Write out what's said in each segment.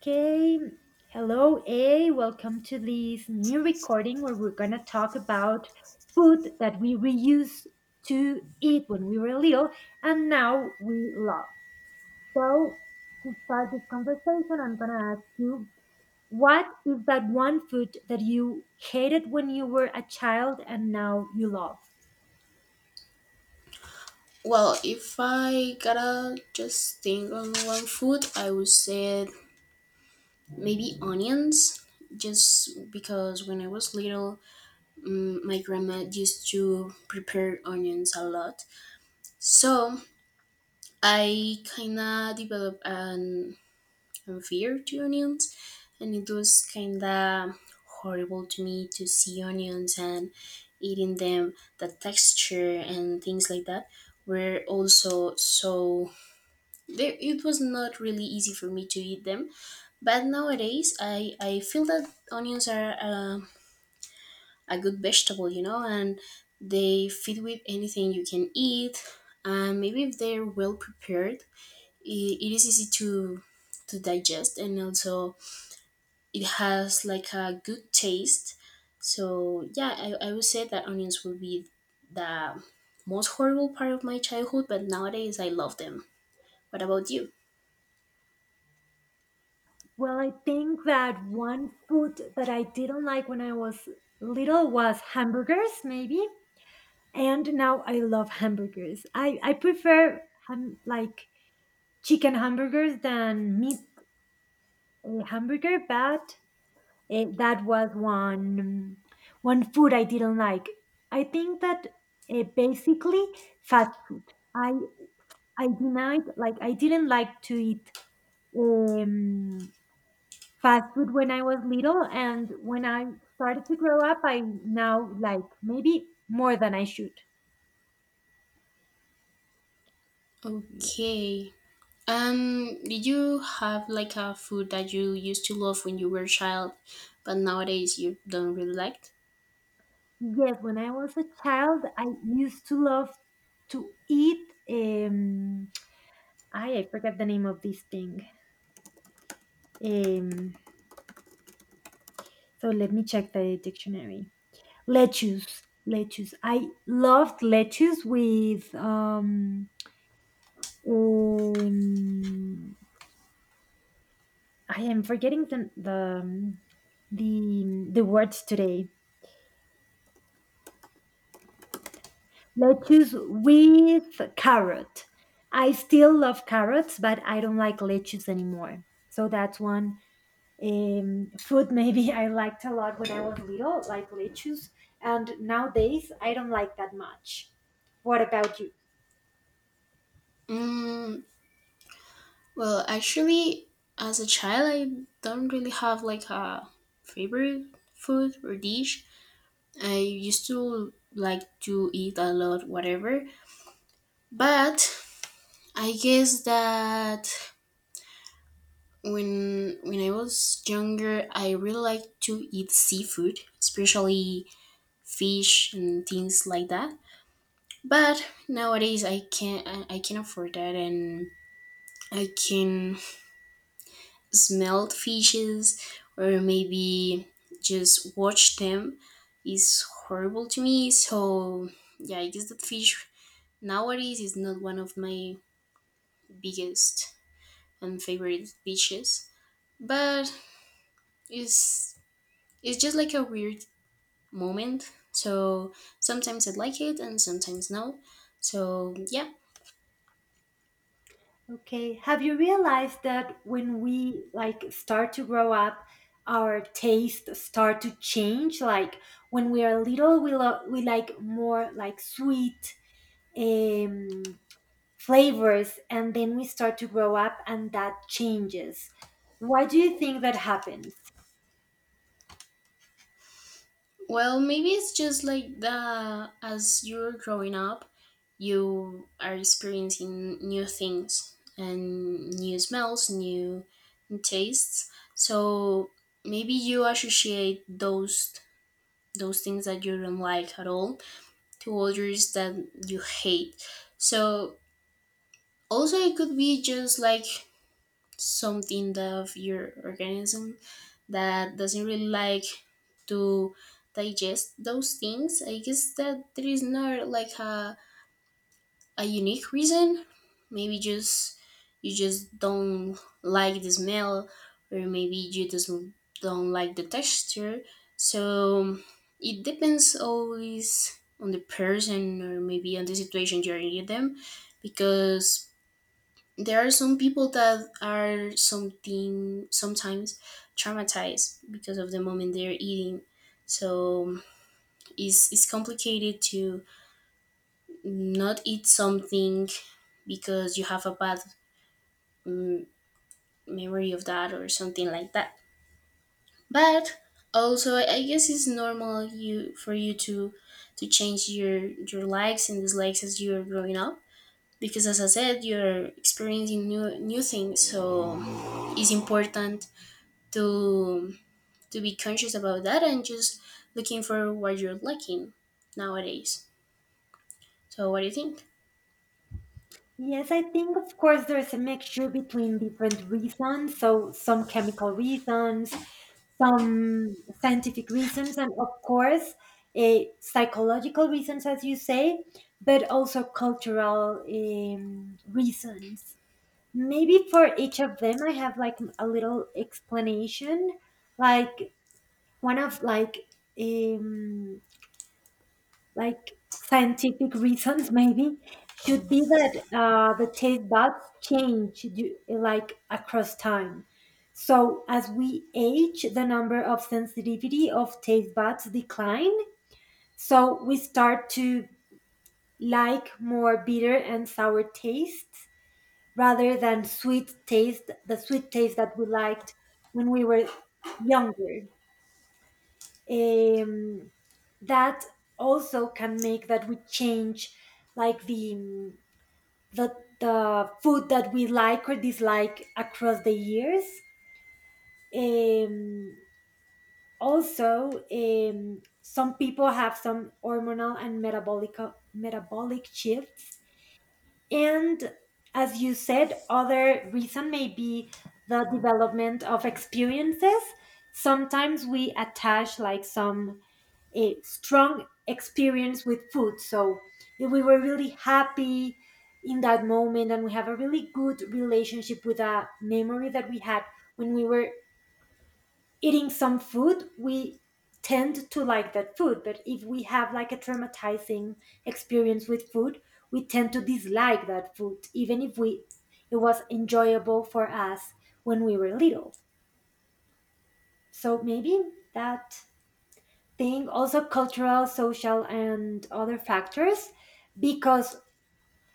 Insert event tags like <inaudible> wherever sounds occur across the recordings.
Okay, hello, A. Welcome to this new recording where we're gonna talk about food that we used to eat when we were little and now we love. So, to start this conversation, I'm gonna ask you, what is that one food that you hated when you were a child and now you love? Well, if I gotta just think on one food, I would say maybe onions. Just because when I was little, my grandma used to prepare onions a lot. So I kinda developed a fear to onions, and it was kinda horrible to me to see onions and eating them. The texture and things like that were also, so it was not really easy for me to eat them. But nowadays I feel that onions are a good vegetable, and they fit with anything you can eat, and maybe if they're well prepared, it is easy to digest, and also it has like a good taste. So, yeah, I would say that onions would be the most horrible part of my childhood, but nowadays I love them. What about you? Well, I think that one food that I didn't like when I was little was hamburgers, maybe. And now I love hamburgers. I prefer ham, like chicken hamburgers than meat hamburger, but that was one food I didn't like. I think that basically fast food. I I denied, like, I didn't like to eat um, fast food when I was little, and when I started to grow up, I now like maybe more than I should. Okay. Did you have like a food that you used to love when you were a child, but nowadays you don't really like? Yes, when I was a child, I used to love to eat. I forget the name of this thing. Um, so let me check the dictionary. Lettuce, lettuce. I loved lettuce with um I am forgetting the the words today. Lettuce with carrot. I still love carrots, but I don't like lettuce anymore. So that's one food <laughs> maybe I liked a lot when I was little, like lettuce. And nowadays, I don't like that much. What about you? Mm, well, actually, as a child, I don't really have like a favorite food or dish. I used to like to eat a lot, whatever. But I guess that when I was younger, I really liked to eat seafood, especially fish and things like that. But nowadays I can afford that, and I can smell fishes or maybe just watch them is horrible to me. So yeah, I guess that fish nowadays is not one of my biggest and favorite fishes. But it's it's just like a weird moment. So sometimes I like it and sometimes no. So, yeah. Okay. Have you realized that when we, like, start to grow up, our tastes start to change? Like when we are little, we we like more like sweet, um, flavors, and then we start to grow up and that changes. Why do you think that happens? Well, maybe it's just like the as you're growing up, you are experiencing new things and new smells, new tastes. So maybe you associate those things that you don't like at all to others that you hate. So also it could be just like something of your organism that doesn't really like to digest those things. I guess that there is not like a unique reason. Maybe just you just don't like the smell, or maybe you just don't like the texture. So it depends always on the person or maybe on the situation you're in them, because there are some people that are something sometimes traumatized because of the moment they're eating. So it's complicated to not eat something because you have a bad mm, memory of that or something like that. But also I guess it's normal you for you to change your likes and dislikes as you're growing up, because as I said, you're experiencing new things. So it's important to to be conscious about that and just looking for what you're lacking nowadays. So what do you think? Yes, I think of course there's a mixture between different reasons, so some chemical reasons, some scientific reasons, and of course, psychological reasons, as you say, but also cultural reasons. Maybe for each of them, I have like a little explanation. Like one of um, like scientific reasons maybe should be that the taste buds change like across time. So as we age, the number of sensitivity of taste buds decline. So we start to like more bitter and sour tastes rather than sweet taste, the sweet taste that we liked when we were younger. um, that also can make that we change like the the the food that we like or dislike across the years. um, also, some people have some hormonal and metabolic shifts, and as you said, other reason may be the development of experiences. Sometimes we attach like some a strong experience with food. So if we were really happy in that moment and we have a really good relationship with a memory that we had when we were eating some food, we tend to like that food. But if we have like a traumatizing experience with food, we tend to dislike that food, even if we it was enjoyable for us when we were little. So maybe that thing, also cultural, social, and other factors, because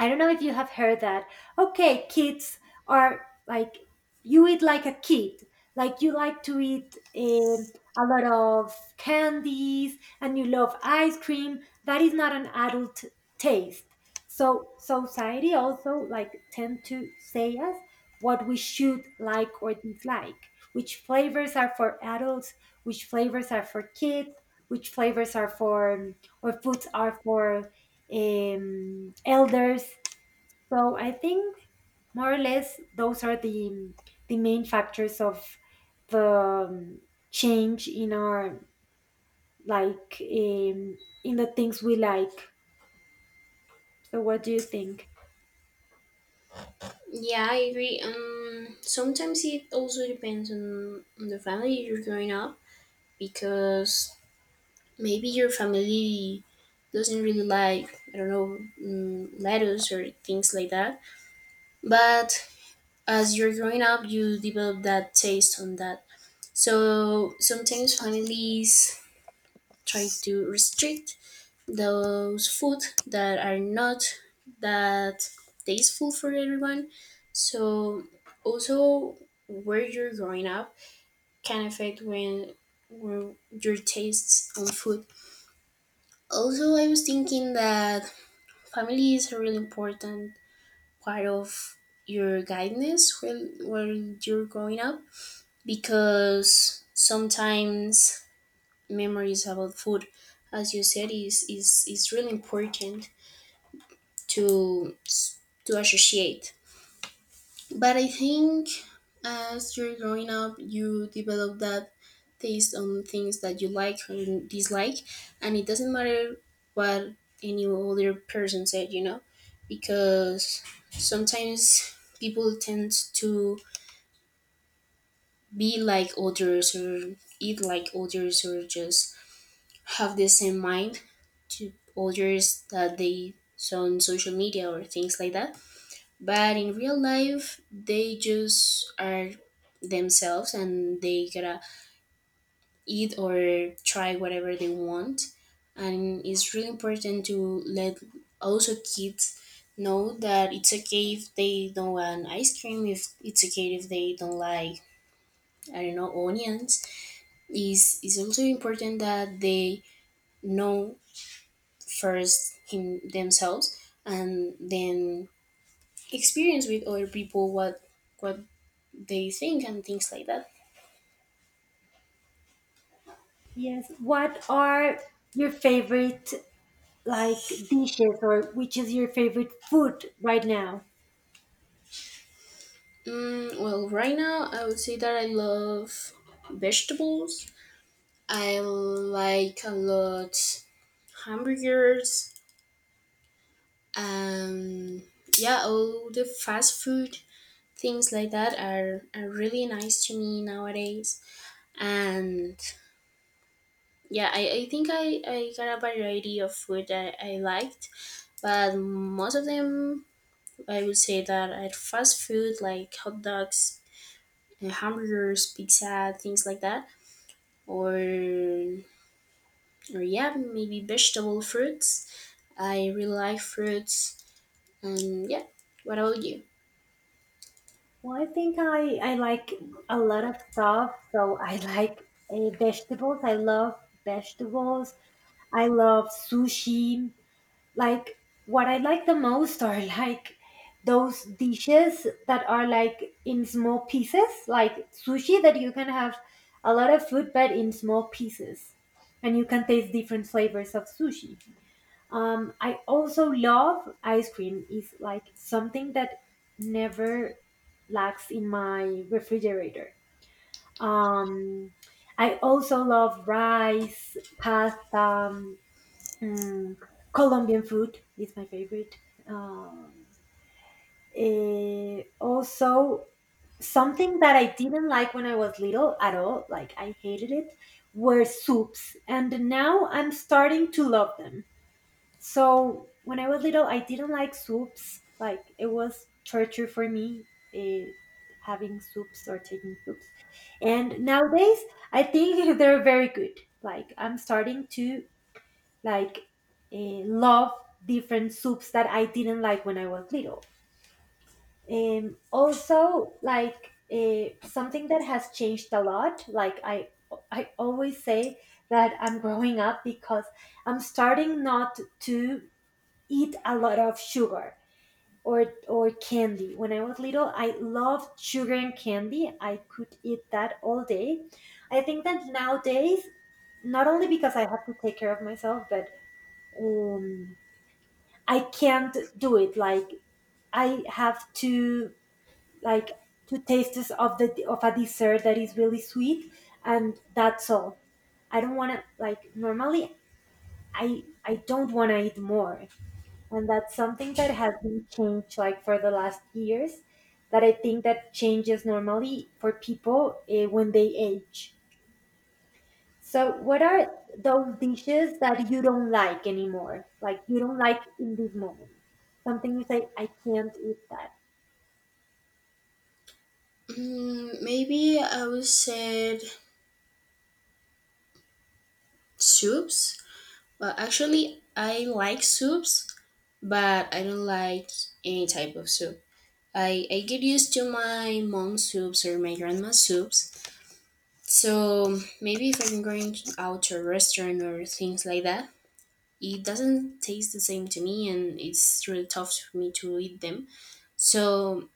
I don't know if you have heard that. Okay, kids are like, you eat like a kid. Like you like to eat a lot of candies, and you love ice cream. That is not an adult taste. So society also like tend to say us what we should like or dislike. Which flavors are for adults? Which flavors are for kids? Which flavors are for or foods are for elders. So I think more or less those are the main factors of the change in our like in the things we like. So what do you think? Yeah, I agree. Sometimes it also depends on the family you're growing up, because maybe your family doesn't really like, I don't know, lettuce or things like that. But as you're growing up, you develop that taste on that. So sometimes families try to restrict those food that are not that tasteful for everyone. So also where you're growing up can affect when your tastes on food. Also, I was thinking that family is a really important part of your guidance when you're growing up, because sometimes memories about food, as you said, is really important to to associate. But I think as you're growing up, you develop that taste on things that you like or you dislike, and it doesn't matter what any other person said, because sometimes people tend to be like others or eat like others or just have the same mind to others that they saw on social media or things like that. But in real life they just are themselves and they gotta eat or try whatever they want, and it's really important to let also kids know that it's okay if they don't want ice cream, if it's okay if they don't like, I don't know, onions. Is it's also important that they know first him themselves and then experience with other people what they think and things like that. Yes. What are your favorite like dishes, or which is your favorite food right now? Well, right now I would say that I love vegetables. I like a lot hamburgers. Um, yeah, all the fast food things like that are really nice to me nowadays. And yeah, I think I got a variety of food that I liked, but most of them I would say that are fast food like hot dogs, hamburgers, pizza, things like that, or or yeah, maybe vegetable fruits. I really like fruits, and yeah. What about you? Well, I think I like a lot of stuff. So I <laughs> like vegetables. I love vegetables. I love sushi. Like what I like the most are like those dishes that are like in small pieces, like sushi, that you can have a lot of food but in small pieces, and you can taste different flavors of sushi. I also love ice cream. Is like something that never lacks in my refrigerator. um, I also love rice, pasta, Mm, Colombian food is my favorite. Um, also, something that I didn't like when I was little at all, like I hated it, were soups. And now I'm starting to love them. So when I was little, I didn't like soups. Like it was torture for me eh, having soups or taking soups. And nowadays, I think <laughs> they're very good. Like I'm starting to like love different soups that I didn't like when I was little. Also, like something that has changed a lot. Like I always say that I'm growing up because I'm starting not to eat a lot of sugar or candy. When I was little, I loved sugar and candy. I could eat that all day. I think that nowadays, not only because I have to take care of myself, but um, I can't do it. Like I have to like two tastes of the of a dessert that is really sweet, and that's all. I don't want to, like, normally. I don't want to eat more, and that's something that has been changed like for the last years. That I think that changes normally for people when they age. So, what are those dishes that you don't like anymore? Like you don't like in this moment? Something you say, I can't eat that. Maybe I would say soups. Well, actually, I like soups, but I don't like any type of soup. I get used to my mom's soups or my grandma's soups. So maybe if I'm going out to a restaurant or things like that, it doesn't taste the same to me and it's really tough for me to eat them. So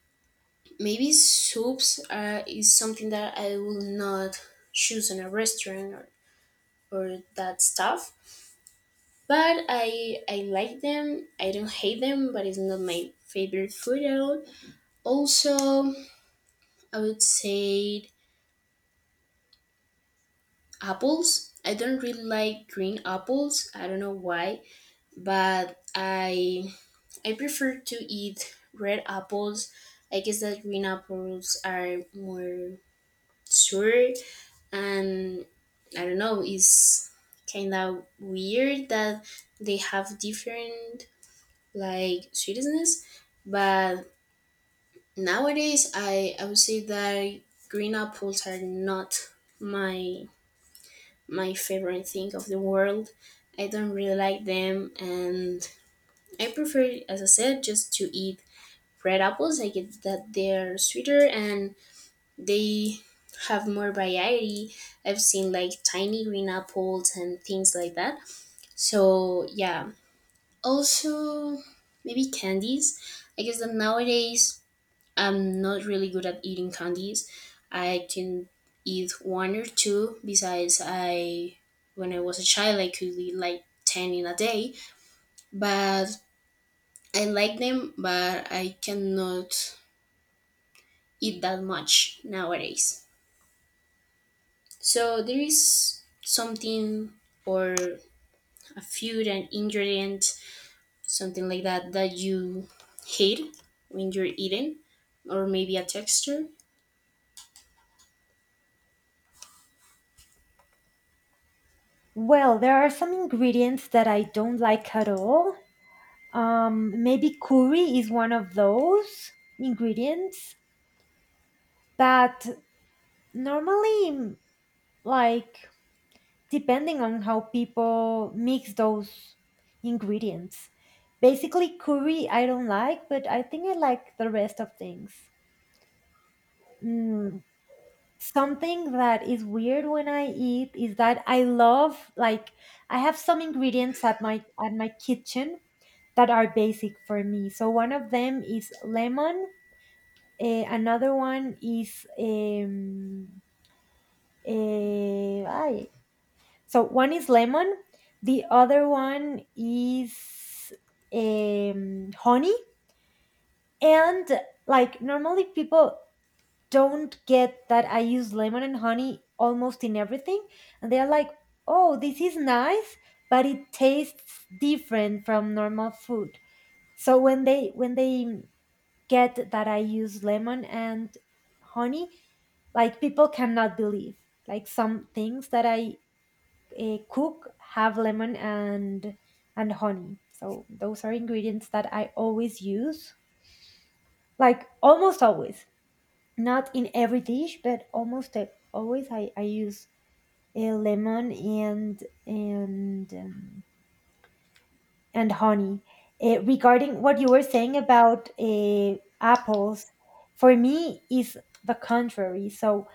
maybe soups is something that I will not choose in a restaurant or that stuff, but I like them. I don't hate them, but it's not my favorite food at all. Also, I would say apples. I don't really like green apples. I don't know why, but I prefer to eat red apples. I guess that green apples are more sour, and I don't know, it's kind of weird that they have different like sweetness. But nowadays I would say that green apples are not my my favorite thing of the world. I don't really like them, and I prefer, as I said, just to eat red apples. I get that they're sweeter and they have more variety. I've seen like tiny green apples and things like that. So yeah. Also maybe candies. I guess that nowadays I'm not really good at eating candies. I can eat one or two, besides I when I was a child I could eat like 10 in a day. But I like them, but I cannot eat that much nowadays. So there is something or a food, an ingredient, something like that that you hate when you're eating, or maybe a texture. Well, there are some ingredients that I don't like at all. Maybe curry is one of those ingredients, but normally, like, depending on how people mix those ingredients. Basically, curry I don't like, but I think I like the rest of things. Mm, Something that is weird when I eat is that I love like I have some ingredients at my kitchen that are basic for me. So one of them is lemon. Another one is ay. So one is lemon. The other one is honey. And like normally people don't get that I use lemon and honey almost in everything. And they're like, oh, this is nice, but it tastes different from normal food. So when they get that I use lemon and honey, like people cannot believe. Like some things that I cook have lemon and honey. So those are ingredients that I always use, like almost always, not in every dish, but almost always I use lemon and honey. Regarding what you were saying about apples, for me is the contrary. So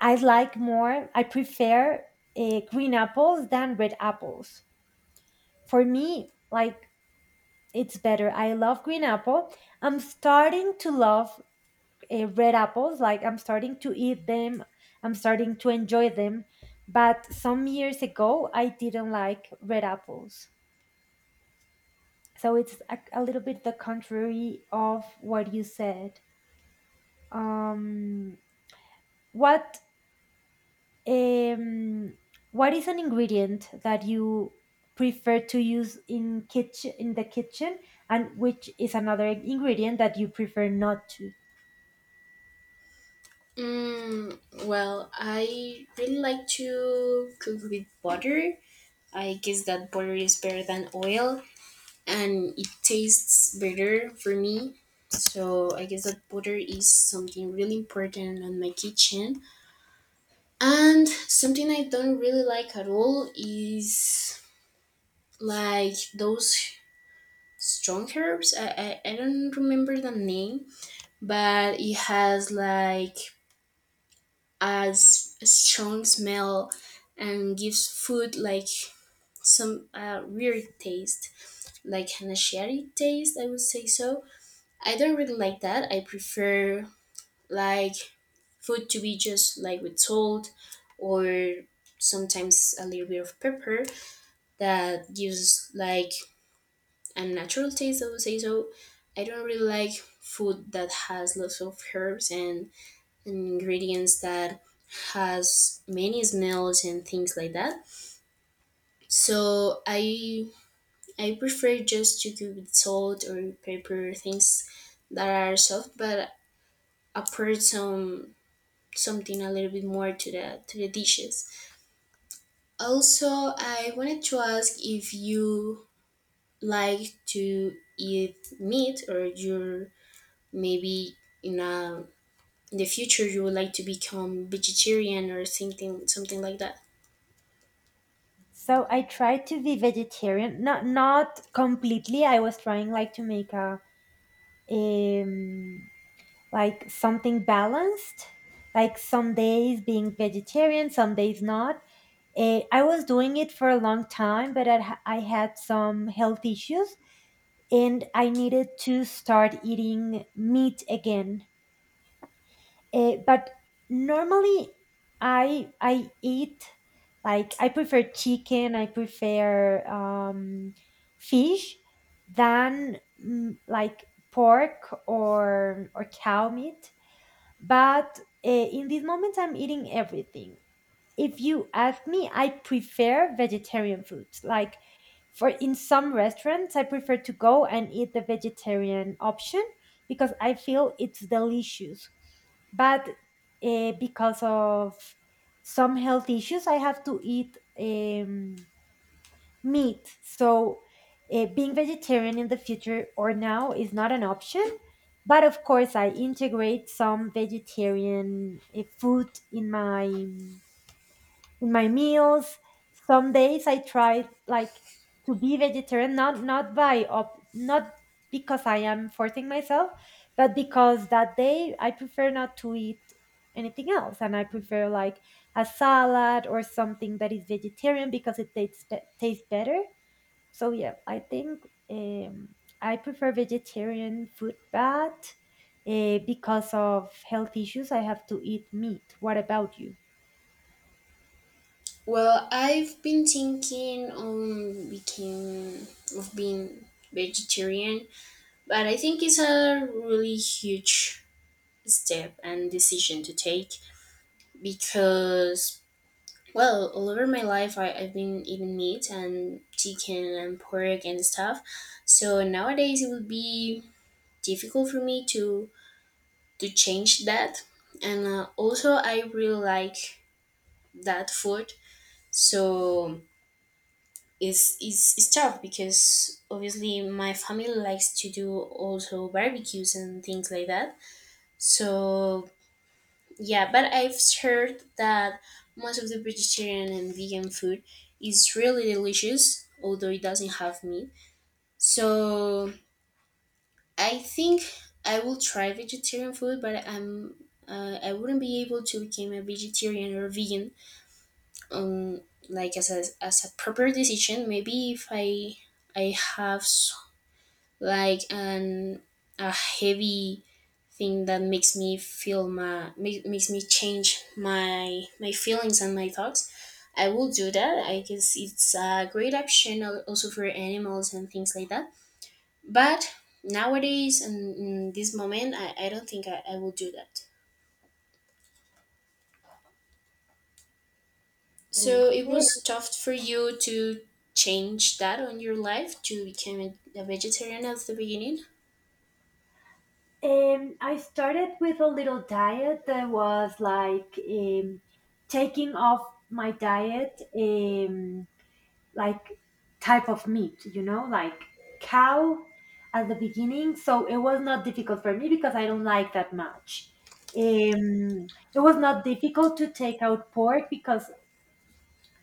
I like more. I prefer green apples than red apples. For me, like it's better. I love green apple. I'm starting to love red apples. Like I'm starting to eat them, I'm starting to enjoy them. But some years ago, I didn't like red apples. So it's a little bit the contrary of what you said. Um, what um, what is an ingredient that you prefer to use in kitchen in the kitchen, and which is another ingredient that you prefer not to? Mm, well, I really like to cook with butter. I guess that butter is better than oil and it tastes better for me. So I guess that butter is something really important in my kitchen. And something I don't really like at all is like those strong herbs. I don't remember the name, but it has like a strong smell and gives food like some weird taste, like an sherry taste, I would say so. I don't really like that. I prefer like food to be just like with salt or sometimes a little bit of pepper that gives like a natural taste. I would say so. I don't really like food that has lots of herbs and ingredients that has many smells and things like that. So I prefer just to cook with salt or pepper things that are soft, but apart something a little bit more to the dishes. Also, I wanted to ask if you like to eat meat, or you're maybe in a in the future you would like to become vegetarian or something like that. So I tried to be vegetarian, not not completely. I was trying like to make a um like something balanced, like some days being vegetarian, some days not. Eh, I was doing it for a long time, but I, I had some health issues and I needed to start eating meat again. But normally, I eat like I prefer chicken. I prefer fish than like pork or cow meat. But in this moment, I'm eating everything. If you ask me, I prefer vegetarian foods. Like for in some restaurants, I prefer to go and eat the vegetarian option because I feel it's delicious. But because of some health issues, I have to eat meat. So being vegetarian in the future or now is not an option. But of course, I integrate some vegetarian food in my meals. Some days I try like to be vegetarian, not not by up, not because I am forcing myself, but because that day I prefer not to eat anything else, and I prefer like a salad or something that is vegetarian because it tastes tastes better. So yeah, I think um, I prefer vegetarian food, but because of health issues, I have to eat meat. What about you? Well, I've been thinking on became of being vegetarian, but I think it's a really huge step and decision to take, because well all over my life I've been eating meat and chicken and pork and stuff. So nowadays it would be difficult for me to change that, and also I really like that food. So it's tough because obviously my family likes to do also barbecues and things like that. So yeah, but I've heard that most of the vegetarian and vegan food is really delicious although it doesn't have meat. So I think I will try vegetarian food, but I wouldn't be able to become a vegetarian or vegan. Um, like as a proper decision. Maybe if I have like an a heavy thing that makes me makes me change my feelings and my thoughts. I will do that. I guess it's a great option, also for animals and things like that. But nowadays, and in this moment, I don't think I will do that. So it Okay. was tough for you to change that on your life to become a vegetarian at the beginning. I started with a little diet that was like taking off my diet, like type of meat, you know, like cow at the beginning. So it was not difficult for me because I don't like that much. Um, it was not difficult to take out pork because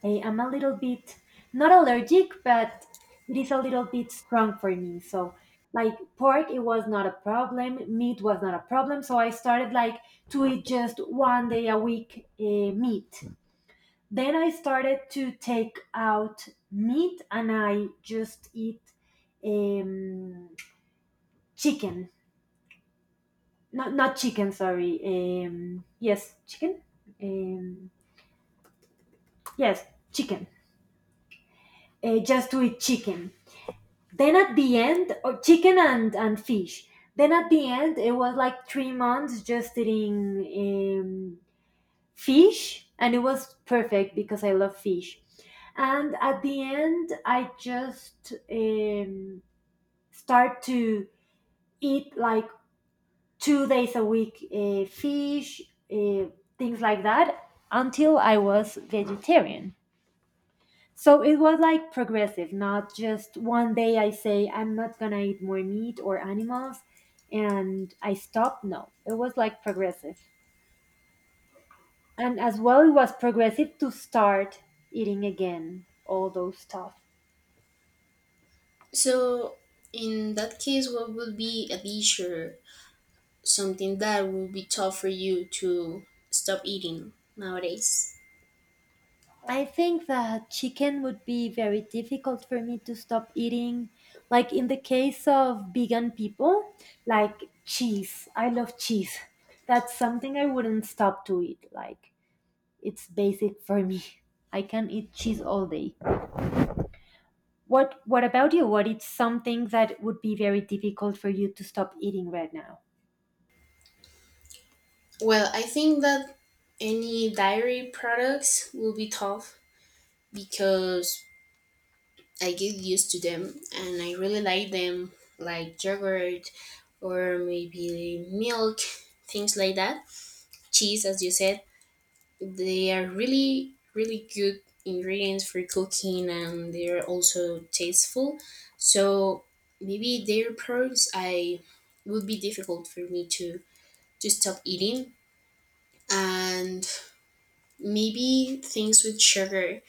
I am a little bit not allergic, but it is a little bit strong for me. So like pork it was not a problem, meat was not a problem. So I started like to eat just 1 day a week meat. Then I started to take out meat and I just eat um, chicken. Not chicken, sorry. Yes, chicken. Um, yes, chicken. Just to eat chicken then at the end or chicken and fish then at the end it was like 3 months just eating um, fish, and it was perfect because I love fish. And at the end I just start to eat like 2 days a week fish, uh, things like that until I was vegetarian. So it was like progressive, not just one day I say I'm not gonna eat more meat or animals and I stop. No, it was like progressive. And as well, it was progressive to start eating again all those stuff. So in that case, what would be a dish or something that would be tough for you to stop eating nowadays? I think that chicken would be very difficult for me to stop eating. Like in the case of vegan people, like cheese. I love cheese. <laughs> That's something I wouldn't stop to eat. Like, it's basic for me. I can eat cheese all day. What about you? What is something that would be very difficult for you to stop eating right now? Well, I think that any dairy products will be tough because I get used to them and I really like them, like yogurt or maybe milk, things like that. Cheese, as you said, they are really, really good ingredients for cooking, and they're also tasteful. So maybe their products I would be difficult for me to stop eating. And maybe things with sugar.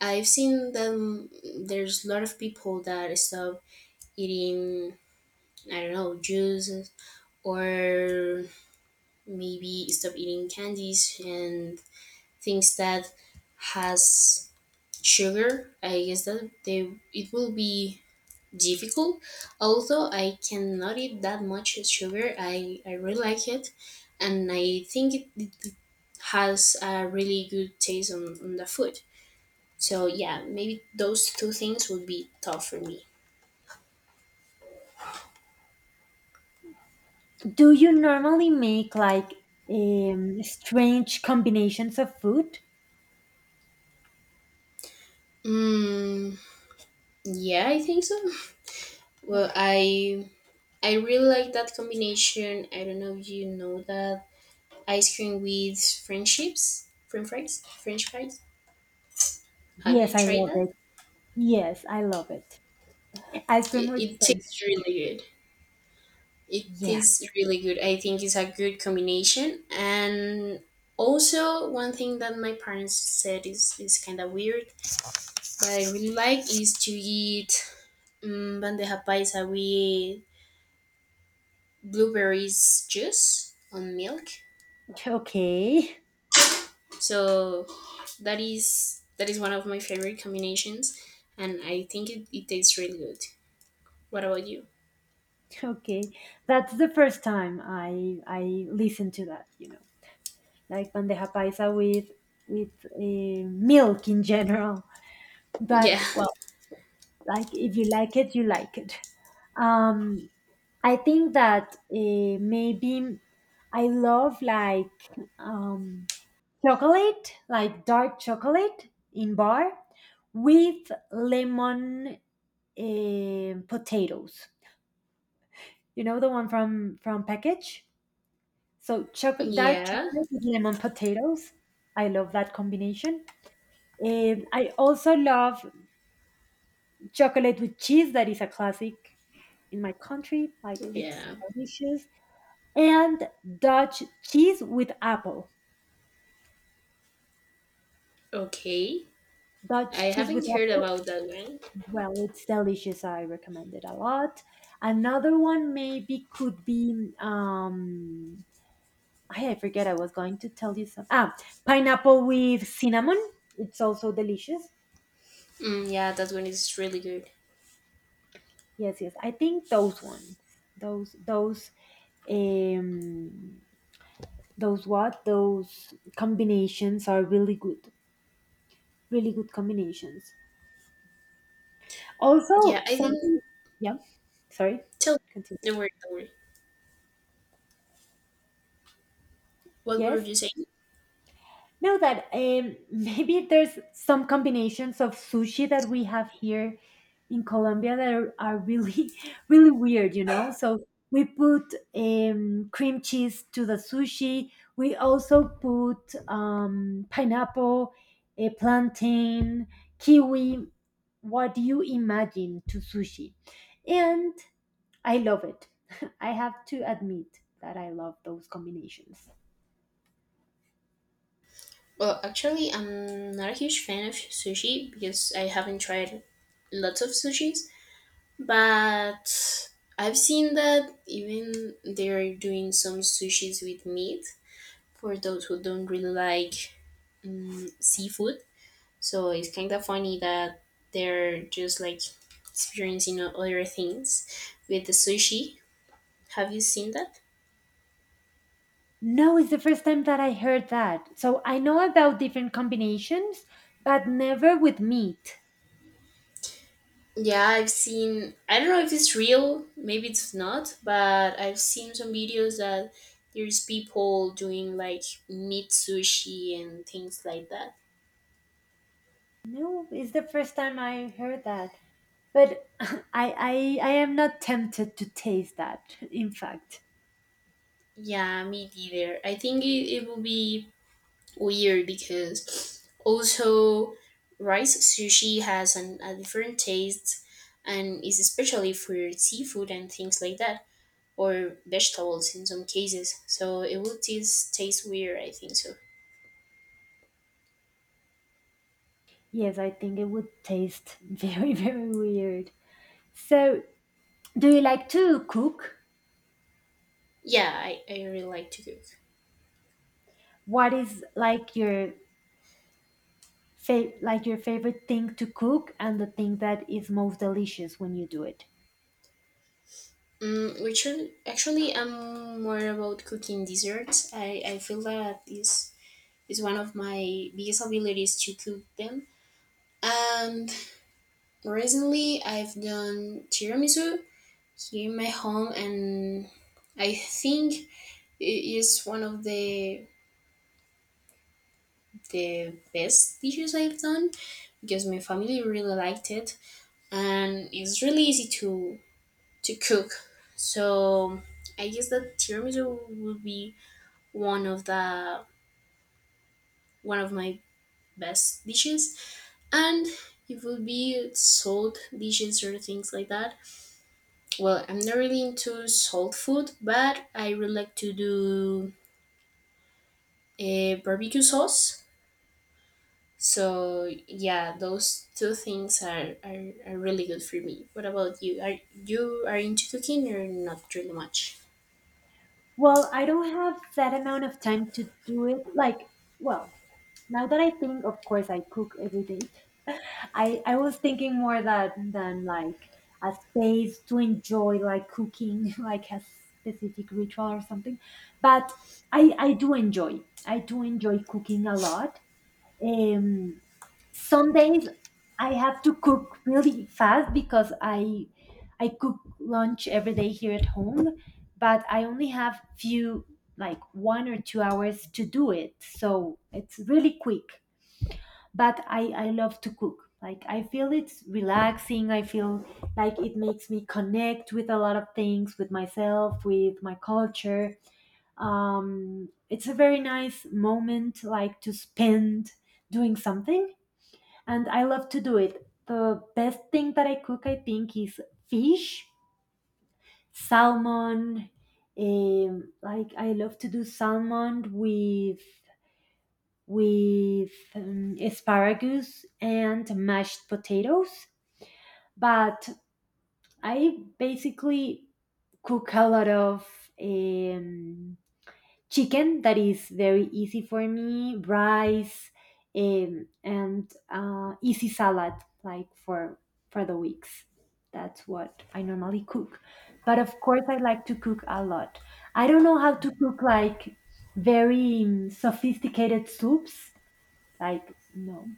I've seen them. There's a lot of people that stop eating, I don't know, juices, or maybe stop eating candies and things that has sugar. I guess that they it will be difficult. Although I cannot eat that much sugar, I really like it, and I think it has a really good taste on the food. So yeah, maybe those two things would be tough for me. Do you normally make like strange combinations of food? Mm, yeah, I think so. Well, I really like that combination. I don't know if you know that ice cream with French chips, French fries, French fries. Have Yes, you I tried love that? it. Yes, I love it. Ice cream It, with it friends. tastes really good. It Yeah. tastes really good. I think it's a good combination. And also, one thing that my parents said is kind of weird, but I really like is to eat bandeja paisa with blueberries juice on milk. Okay. <laughs> So that is one of my favorite combinations, and I think it tastes really good. What about you? Okay. That's the first time I listened to that, you know. Like bandeja paisa with milk in general. Yeah, But well, like if you like it, you like it. um I think that maybe I love like um chocolate, like dark chocolate in bar with lemon, potatoes, you know, the one from package. So <laughs> chocolate, dark yeah, chocolate with lemon potatoes. I love that combination. And I also love chocolate with cheese. That is a classic in my country. Like, it's yeah. delicious. And Dutch cheese with apple. Okay, I Dutch cheese with haven't heard apple. about that one. Well, it's delicious. I recommend it a lot. Another one maybe could be I forget. I was going to tell you some. Pineapple with cinnamon. It's also delicious. Yeah, that one is really good. Yes, yes. I think those ones. Those those um those what? Those combinations are really good. Really good combinations. Yeah, Also, I think. something, yeah, sorry, Tell, continue. don't worry, don't worry. What were Yes. you saying? No, that <laughs> maybe there's some combinations of sushi that we have here in Colombia that are really, <laughs> really weird, you know? So we put cream cheese to the sushi. We also put pineapple, a plantain, kiwi. What do you imagine to sushi? And I love it. <laughs> I have to admit that I love those combinations. Well, actually, I'm not a huge fan of sushi because I haven't tried lots of sushis. But I've seen that even they're doing some sushis with meat for those who don't really like seafood. So it's kind of funny that they're just like experiencing other things with the sushi. Have you seen that? No, it's the first time that I heard that. So I know about different combinations, but never with meat. Yeah, I've seen. I don't know if it's real, maybe it's not, but I've seen some videos that there's people doing like meat sushi and things like that. No, it's the first time I heard that. But <laughs> I am not tempted to taste that, in fact. Yeah, me neither. I think it will be weird because also rice sushi has a different taste and is especially for seafood and things like that, or vegetables in some cases. So it will taste weird, I think so. Yes, I think it would taste very, <laughs> very weird. So, do you like to cook? Yeah, I really like to cook. What is like your fa- like your favorite thing to cook and the thing that is most delicious when you do it? Mm, which are, Actually, I'm more about cooking desserts. I feel that is one of my biggest abilities to cook them. Um, Recently, I've done tiramisu here in my home, and I think it is one of the best dishes I've done because my family really liked it, and it's really easy to cook. So I guess that tiramisu would be one of the one of my best dishes, and it would be salt dishes or things like that. Well, I'm not really into salt food, but I really like to do a barbecue sauce. So yeah, those two things are really good for me. What about you? Are into cooking or not really much? Well, I don't have that amount of time to do it. Like, well, now that I think, of course, I cook every day. <laughs> I was thinking more that than like a space to enjoy like cooking, <laughs> like a specific ritual or something. But I do enjoy. I do enjoy cooking a lot. Um, some days I have to cook really fast because I cook lunch every day here at home, but I only have few like 1 or 2 hours to do it. So it's really quick. But I love to cook. Like, I feel it's relaxing. I feel like it makes me connect with a lot of things, with myself, with my culture. It's a very nice moment like to spend doing something, and I love to do it. The best thing that I cook, I think, is fish, salmon. Like, I love to do salmon with asparagus and mashed potatoes. But I basically cook a lot of um, chicken that is very easy for me, rice, and easy salad like for the weeks. That's what I normally cook. But of course, I like to cook a lot. I don't know how to cook like very sophisticated soups. Like, no,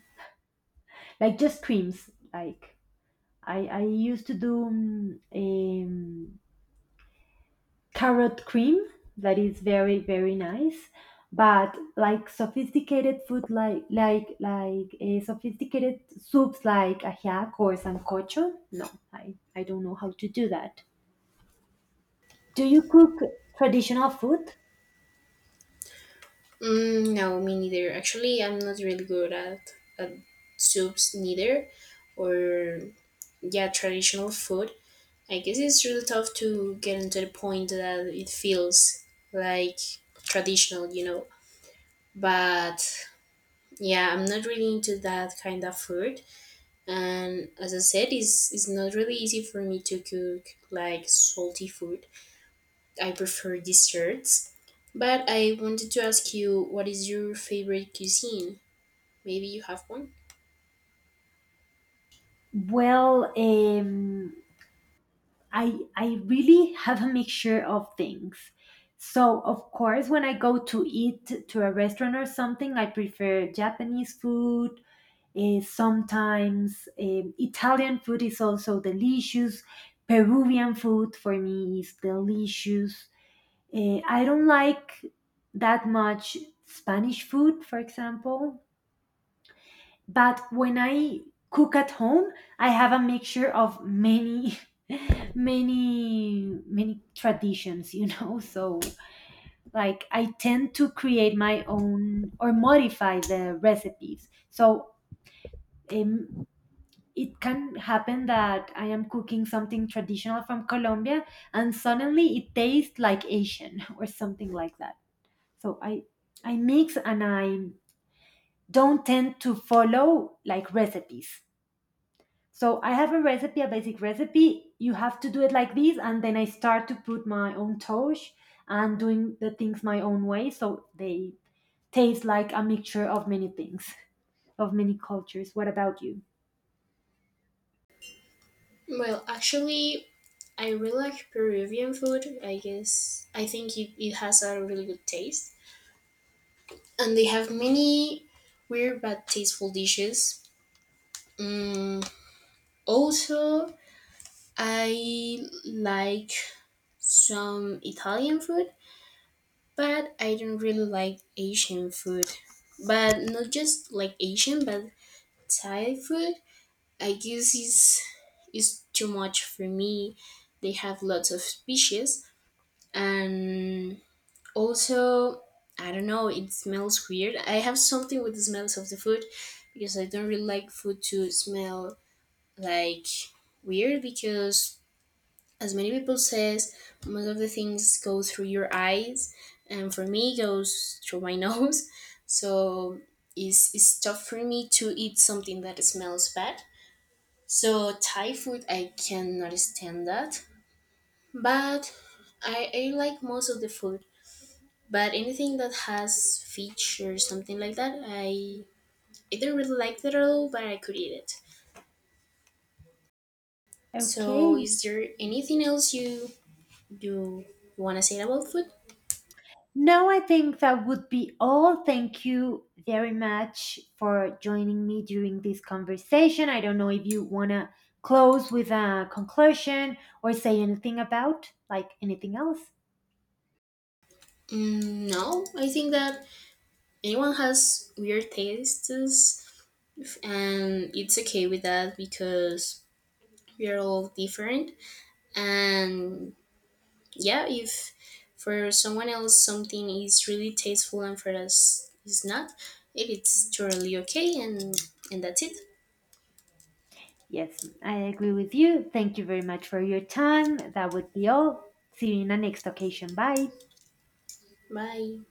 like just creams. Like I used to do carrot cream that is very very nice, but like sophisticated food like sophisticated soups like ajiaco or sancocho. No, I, I don't know how to do that. Do you cook traditional food? No, me neither. Actually, I'm not really good at soups neither, or yeah, traditional food. I guess it's really tough to get into the point that it feels like traditional, you know. But yeah, I'm not really into that kind of food, and as I said, it's not really easy for me to cook like salty food. I prefer desserts. But I wanted to ask you, what is your favorite cuisine? Maybe you have one. Well, I really have a mixture of things. So of course, when I go to eat to a restaurant or something, I prefer Japanese food. Sometimes Italian food is also delicious. Peruvian food for me is delicious. I don't like that much Spanish food, for example. But when I cook at home, I have a mixture of many, <laughs> many, many traditions, you know? <laughs> So, like, I tend to create my own or modify the recipes. So, um, it can happen that I am cooking something traditional from Colombia and suddenly it tastes like Asian <laughs> or something like that. So I mix and I don't tend to follow like recipes. So I have a recipe, a basic recipe. You have to do it like this, and then I start to put my own touch and doing the things my own way. So they taste like a mixture of many things, of many cultures. What about you? Well, actually, I really like Peruvian food. I guess I think it has a really good taste, and they have many weird but tasteful dishes. Also, I like some Italian food, but I don't really like Asian food. But not just like Asian, but Thai food. I guess is too much for me. They have lots of species, and also I don't know. It smells weird. I have something with the smells of the food because I don't really like food to smell like weird because as many people says, most of the things go through your eyes, and for me it goes through my <laughs> nose. So it's tough for me to eat something that smells bad. So Thai food, I cannot stand that. But I like most of the food, but anything that has fish or something like that I either really like it at all, but I could eat it. Okay. So is there anything else you want to say about food? No, I think that would be all. Thank you very much for joining me during this conversation. I don't know if you want to close with a conclusion or say anything about like anything else. No, I think that anyone has weird tastes, and it's okay with that because we are all different. And yeah, if for someone else something is really tasteful and for us is not, it is totally okay, and that's it. Yes, I agree with you. Thank you very much for your time. That would be all. See you in the next occasion. Bye. Bye.